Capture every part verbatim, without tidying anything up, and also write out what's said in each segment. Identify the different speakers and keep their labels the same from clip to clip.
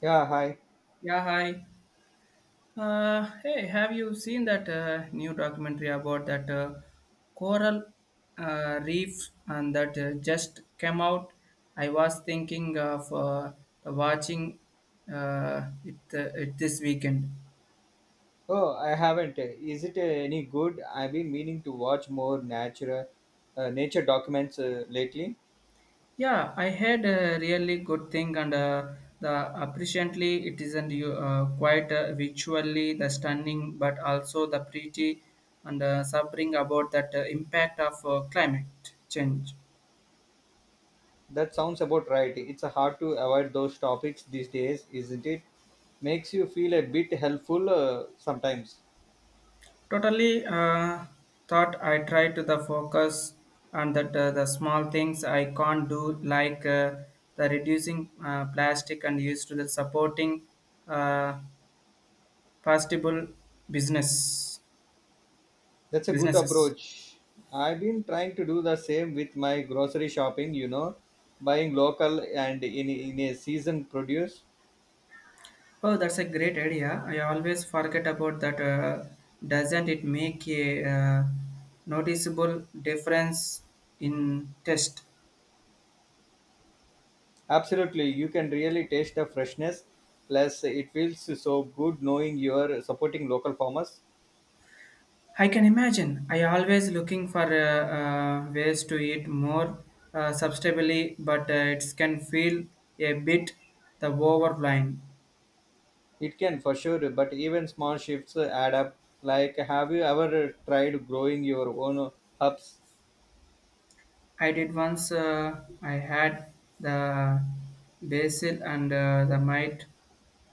Speaker 1: Yeah, hi.
Speaker 2: Yeah, hi. Uh, hey, have you seen that uh, new documentary about that uh, coral uh, reef and that uh, just came out? I was thinking of uh, watching uh, it, uh, it this weekend.
Speaker 1: Oh, I haven't. Is it uh, any good? I've been meaning to watch more nature, uh, nature documents uh, lately.
Speaker 2: Yeah, I had a really good thing, and uh, the appreciately it isn't you uh, quite uh, visually the stunning, but also the pretty and uh, suffering about that uh, impact of uh, climate change.
Speaker 1: That sounds about right. It's uh, hard to avoid those topics these days, isn't it? Makes you feel a bit helpful uh, sometimes.
Speaker 2: Totally uh, thought I tried to the focus on that uh, the small things I can't do like uh, the reducing uh, plastic and used to the supporting uh, possible business
Speaker 1: That's a good
Speaker 2: businesses.
Speaker 1: approach. I've been trying to do the same with my grocery shopping. You know, buying local and in in a season produce.
Speaker 2: Oh, that's a great idea. I always forget about that. Uh, doesn't it make a uh, noticeable difference in test?
Speaker 1: Absolutely, you can really taste the freshness. Plus, it feels so good knowing you are supporting local farmers.
Speaker 2: I can imagine. I always looking for uh, uh, ways to eat more uh, sustainably, but uh, it can feel a bit the overwhelming.
Speaker 1: It can for sure, but even small shifts add up. Like, have you ever tried growing your own herbs?
Speaker 2: I did once. Uh, I had the basil and uh, the mite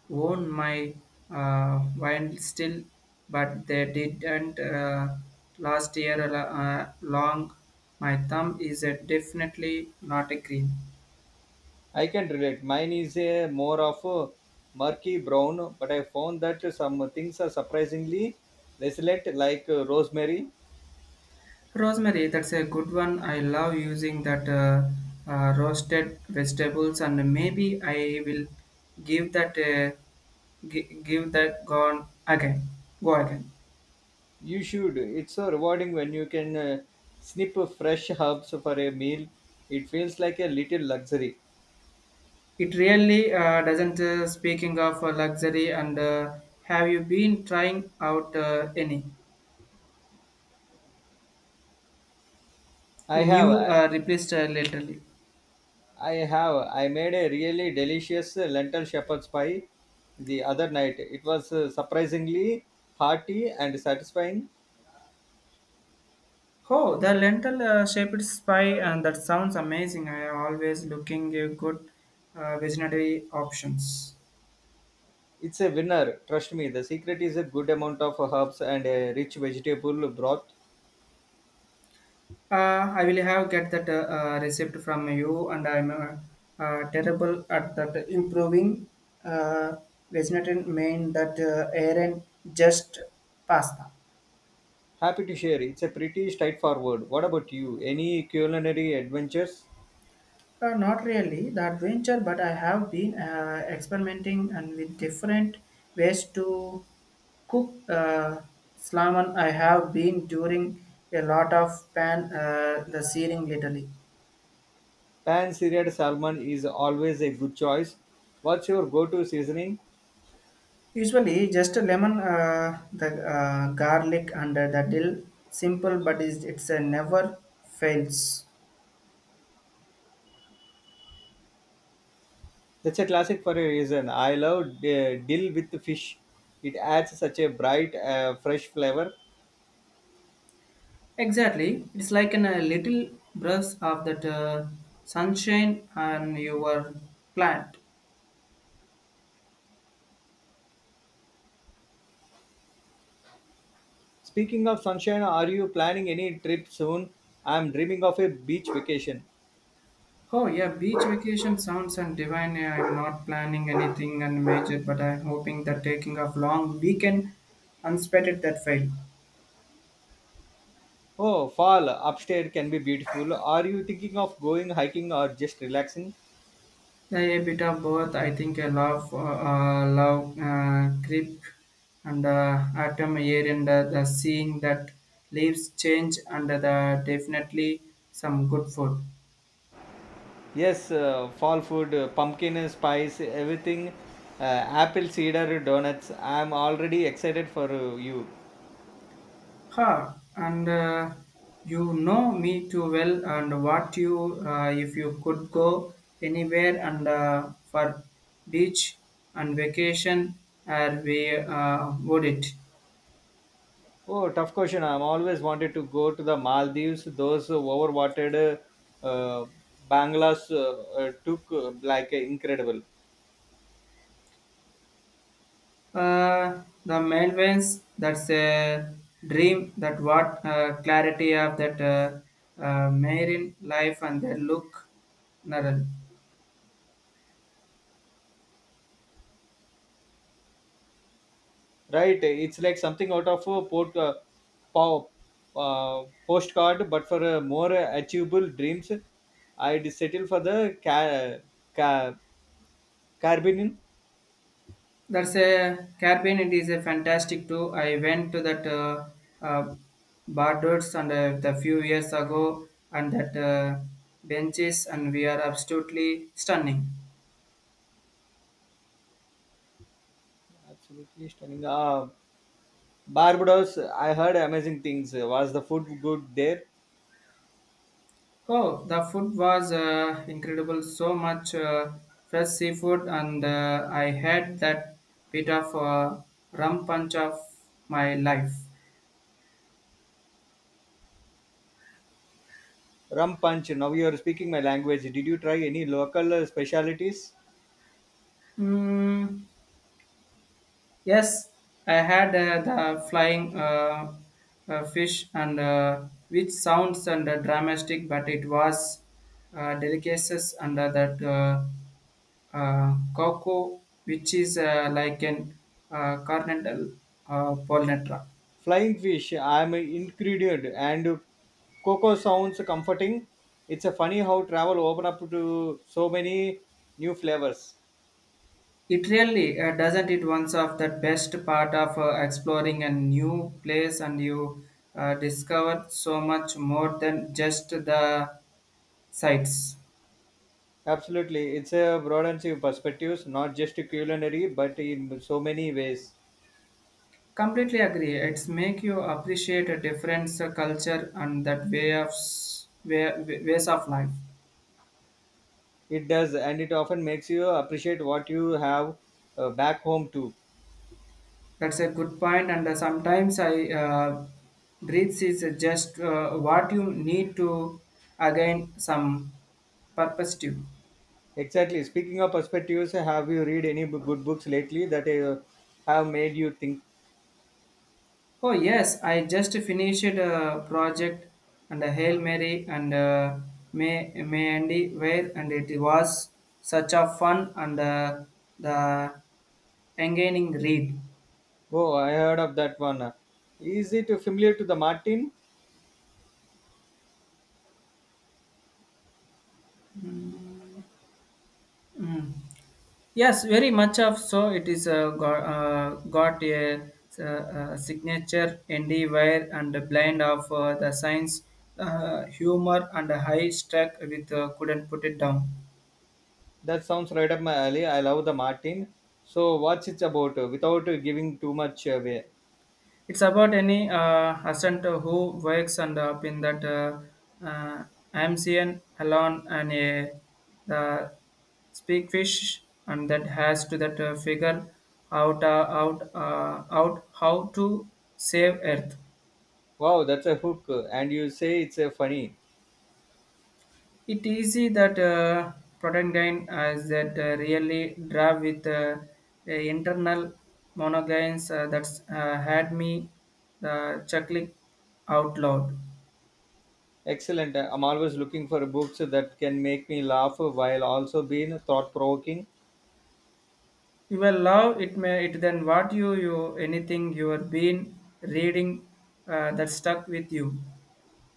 Speaker 2: own my uh, wine still, but they didn't uh, last year uh, long. My thumb is uh, definitely not a green.
Speaker 1: I can relate. Mine is a more of a murky brown, but I found that some things are surprisingly resilient, like uh, rosemary.
Speaker 2: Rosemary, that's a good one. I love using that uh, uh, roasted vegetables, and maybe I will give that uh, gi- give that gone again. Go again.
Speaker 1: You should. It's so rewarding when you can uh, snip fresh herbs for a meal. It feels like a little luxury.
Speaker 2: It really uh, doesn't. Uh, speaking of uh, luxury, and uh, have you been trying out uh, any
Speaker 1: I have,
Speaker 2: new
Speaker 1: I
Speaker 2: uh, replaced uh, lately?
Speaker 1: have. I made a really delicious uh, lentil shepherd's pie the other night. It was uh, surprisingly hearty and satisfying.
Speaker 2: Oh, the lentil uh, shaped pie, and that sounds amazing. I am always looking uh, good uh, vegetarian options.
Speaker 1: It's a winner, trust me. The secret is a good amount of herbs and a rich vegetable broth.
Speaker 2: Uh, I will have get that uh, uh, received from you, and I'm uh, uh, terrible at that improving. Uh, Vegetarian main that uh, Aaron just pasta.
Speaker 1: Happy to share. It's a pretty straightforward. What about you? Any culinary adventures?
Speaker 2: Uh, not really the adventure, but I have been uh, experimenting and with different ways to cook uh, salmon. I have been during a lot of pan uh, the searing lately.
Speaker 1: Pan seared salmon is always a good choice. What's your go-to seasoning?
Speaker 2: Usually, just a lemon, uh, the uh, garlic, and the dill. Simple, but it's, it's a never fails.
Speaker 1: That's a classic for a reason. I love uh, dill with fish. It adds such a bright, uh, fresh flavor.
Speaker 2: Exactly. It's like an, a little brush of that uh, sunshine on your plant.
Speaker 1: Speaking of sunshine, are you planning any trip soon? I'm dreaming of a beach vacation.
Speaker 2: Oh yeah, beach vacation sounds and divine. Yeah, I'm not planning anything and major, but I'm hoping that taking a long weekend unspotted that fail.
Speaker 1: Oh, fall upstairs can be beautiful. Are you thinking of going hiking or just relaxing?
Speaker 2: Yeah, a bit of both. I think I love uh, uh, love uh, grip and uh, atom air and uh, the seeing that leaves change and uh, the definitely some good food.
Speaker 1: Yes, uh, fall food, uh, pumpkin spice, everything. Uh, apple cider donuts. I'm already excited for uh, you.
Speaker 2: Ha! And uh, you know me too well and what you uh, if you could go anywhere and uh, for beach and vacation, uh, we uh, would it.
Speaker 1: Oh, tough question. I'm always wanted to go to the Maldives. Those overwatered uh, banglas uh, uh, took uh, like uh, incredible,
Speaker 2: Uh, the Melvins, that's a dream that what uh, clarity of that uh, uh, marine life and their look Naral.
Speaker 1: right? It's like something out of a port, uh, po- uh, postcard, but for uh, more achievable dreams, I'd settle for the ca- ca- Caribbean.
Speaker 2: That's a cabin. It is a fantastic too. I went to that uh, uh, Bardos and uh, the few years ago and that uh, benches and we are absolutely stunning.
Speaker 1: Absolutely stunning. Uh, Barbados, I heard amazing things. Was the food good there?
Speaker 2: Oh, the food was uh, incredible. So much uh, fresh seafood, and uh, I had that bit of uh, rum punch of my life.
Speaker 1: Rum punch. Now you are speaking my language. Did you try any local uh, specialities?
Speaker 2: Mm, yes, I had uh, the flying uh, uh, fish, and uh, which sounds and uh, dramatic, but it was uh, delicacies under that uh, uh, cocoa, which is uh, like an uh, carnal uh, polenta.
Speaker 1: Flying fish. I am ingredient and cocoa sounds comforting. It's a funny how travel open up to so many new flavors.
Speaker 2: It really uh, doesn't it. One's of the best part of uh, exploring a new place and you uh, discover so much more than just the sights.
Speaker 1: Absolutely, it's a broadens your perspectives, not just culinary, but in so many ways.
Speaker 2: Completely agree. It's make you appreciate a different uh, culture and that way of s- way, ways of life.
Speaker 1: It does, and it often makes you appreciate what you have uh, back home too.
Speaker 2: That's a good point and uh, sometimes I uh, breathes is just uh, what you need to again some purpose to.
Speaker 1: Exactly. Speaking of perspectives, have you read any b- good books lately that uh, have made you think?
Speaker 2: Oh yes, I just finished a project and a Hail Mary and uh, May May Andy where and it was such a fun and uh, the engaging read.
Speaker 1: Oh, I heard of that one. Is it familiar to the Martin?
Speaker 2: Mm. Yes, very much of so. It is uh, got, uh, got a, uh, signature indie wire and a blend of uh, the science, uh, humor and a high struck with uh, couldn't put it down.
Speaker 1: That sounds right up my alley. I love the Martin. So, what's it about uh, without uh, giving too much away?
Speaker 2: It's about any uh, assent who wakes and uh, up in that uh, uh, Amcian alone and a the speak fish and that has to that uh, figure out uh, out uh, out how to save Earth.
Speaker 1: Wow, that's a hook. And you say it's uh, funny.
Speaker 2: It easy that uh, protagonist as that uh, really drive with uh, a internal monogains uh, that's uh, had me the chuckling out loud.
Speaker 1: Excellent. I'm always looking for books that can make me laugh while also being thought provoking.
Speaker 2: You will love it may it then what you you anything you have been reading uh, that stuck with you.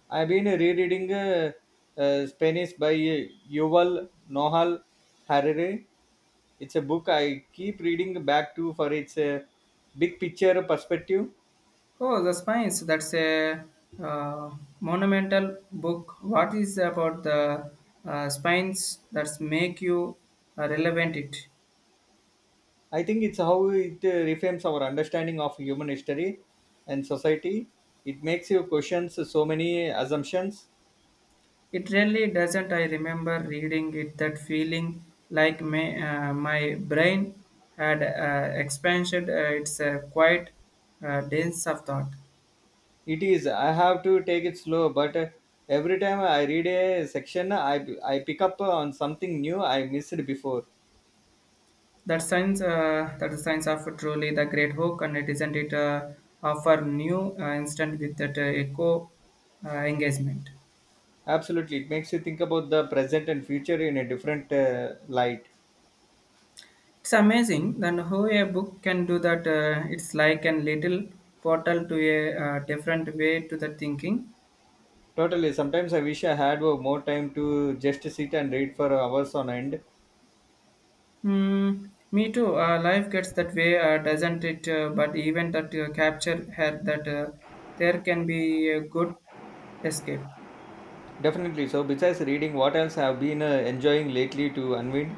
Speaker 1: I've been rereading uh, uh, Spanish by uh, Yuval Nohal Harari. It's a book I keep reading back to for its uh, big picture perspective.
Speaker 2: Oh, the Spines. That's a uh, monumental book. What is about the uh, spines that make you uh, relevant? It
Speaker 1: I think it's how it uh, reframes our understanding of human history and society. It makes you question so many assumptions.
Speaker 2: it really doesn't. I remember reading it that feeling like my uh, my brain had uh, expanded. Uh, it's a quite uh, dense of thought.
Speaker 1: It is, I have to take it slow, but uh, every time I read a section, I, I pick up on something new I missed before.
Speaker 2: That science uh, that the science of truly the great hook and it isn't it uh, offer new uh, instant with that uh, echo uh, engagement.
Speaker 1: Absolutely, it makes you think about the present and future in a different uh, light.
Speaker 2: It's amazing then how a book can do that uh, it's like a little portal to a uh, different way to the thinking.
Speaker 1: Totally, sometimes I wish I had uh, more time to just sit and read for hours on end.
Speaker 2: Hmm. Me too uh, life gets that way uh, doesn't it uh, but even that uh, capture her that uh, there can be a good escape.
Speaker 1: Definitely, so besides reading, what else have been uh, enjoying lately to unwind?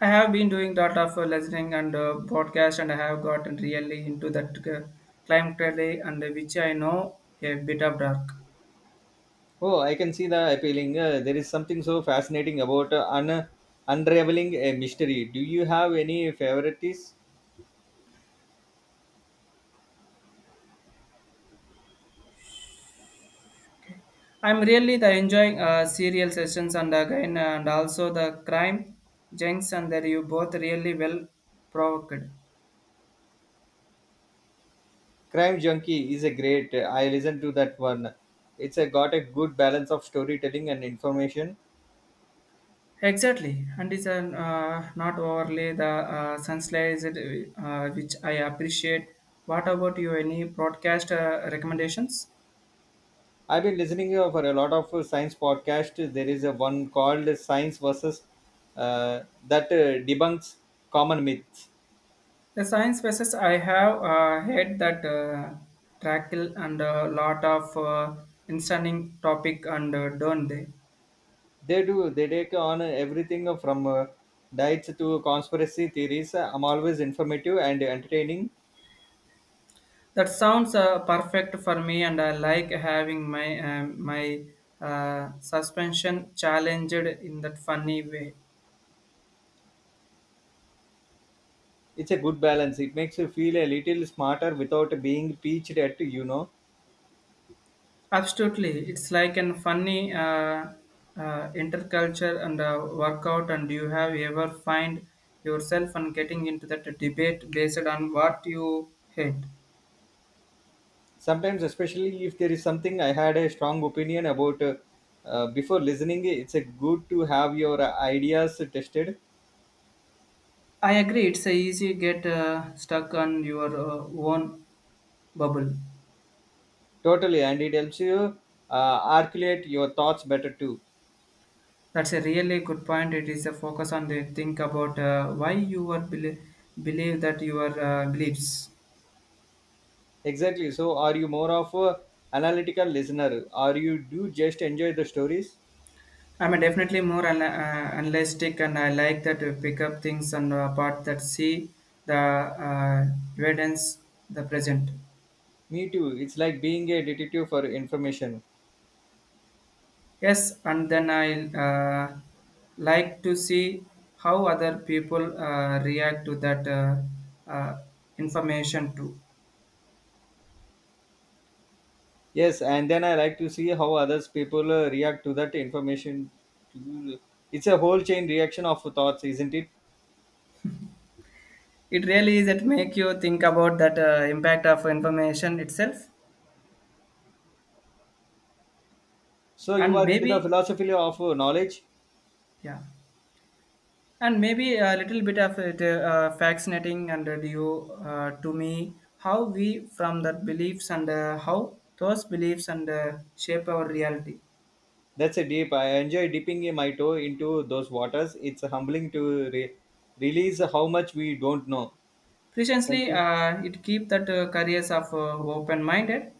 Speaker 2: I have been doing lot of uh, listening and uh, broadcast, and I have gotten really into that uh, climate rally, and uh, which I know a bit of dark.
Speaker 1: Oh, I can see the appealing. Uh, there is something so fascinating about uh, un- unraveling a mystery. Do you have any favorites?
Speaker 2: Okay. I'm really the enjoying uh, serial sessions and again uh, and also the crime junks and that you both really well provoked.
Speaker 1: Crime Junkie is a great. uh, I listened to that one. It's uh, got a good balance of storytelling and information.
Speaker 2: Exactly, and it's an, uh, not overly the uh, sunlight uh, which I appreciate. What about you? Any broadcast uh, recommendations?
Speaker 1: I've been listening uh, for a lot of uh, science podcasts. There is a one called Science versus uh, that uh, debunks common myths.
Speaker 2: The science basis I have uh, heard that uh, tackle and a lot of uh, interesting topic and uh, don't they?
Speaker 1: They do. They take on everything from uh, diets to conspiracy theories. I'm always informative and entertaining.
Speaker 2: That sounds uh, perfect for me, and I like having my um my uh, suspension challenged in that funny way.
Speaker 1: It's a good balance. It makes you feel a little smarter without being preached at, you know.
Speaker 2: Absolutely, it's like an funny uh, uh, interculture and uh, workout. And do you have ever find yourself and getting into that debate based on what you hate?
Speaker 1: Sometimes, especially if there is something I had a strong opinion about uh, uh, before listening, it's a good to have your ideas tested.
Speaker 2: I agree. It's a easy get uh, stuck on your uh, own bubble.
Speaker 1: Totally, and it helps you uh, articulate your thoughts better too.
Speaker 2: That's a really good point. It is a focus on the think about uh, why you are believe believe that your uh, beliefs.
Speaker 1: Exactly, so are you more of a analytical listener, or you do just enjoy the stories?
Speaker 2: I'm a definitely more ana- uh, analytic, and I like that to pick up things and uh, apart that see the uh, evidence, the present.
Speaker 1: Me too, it's like being a detective for information.
Speaker 2: Yes, and then I'll uh, like to see how other people uh, react to that uh, uh, information too.
Speaker 1: Yes, and then I like to see how others people uh, react to that information. To- It's a whole chain reaction of thoughts, isn't it?
Speaker 2: It really is that make you think about that uh, impact of information itself,
Speaker 1: So you
Speaker 2: and
Speaker 1: are into the
Speaker 2: maybe
Speaker 1: philosophy of uh, knowledge.
Speaker 2: yeah, and maybe a little bit of it uh, fascinating and uh, you uh, to me how we from that beliefs and uh, how those beliefs and uh, shape our reality.
Speaker 1: That's a deep. I enjoy dipping in my toe into those waters. It's humbling to re- release how much we don't know. Thank
Speaker 2: Precisely,
Speaker 1: you.
Speaker 2: uh, it keep that uh, careers of uh, open minded.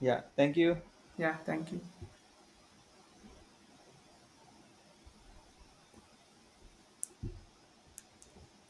Speaker 1: Yeah, thank you.
Speaker 2: Yeah, thank you.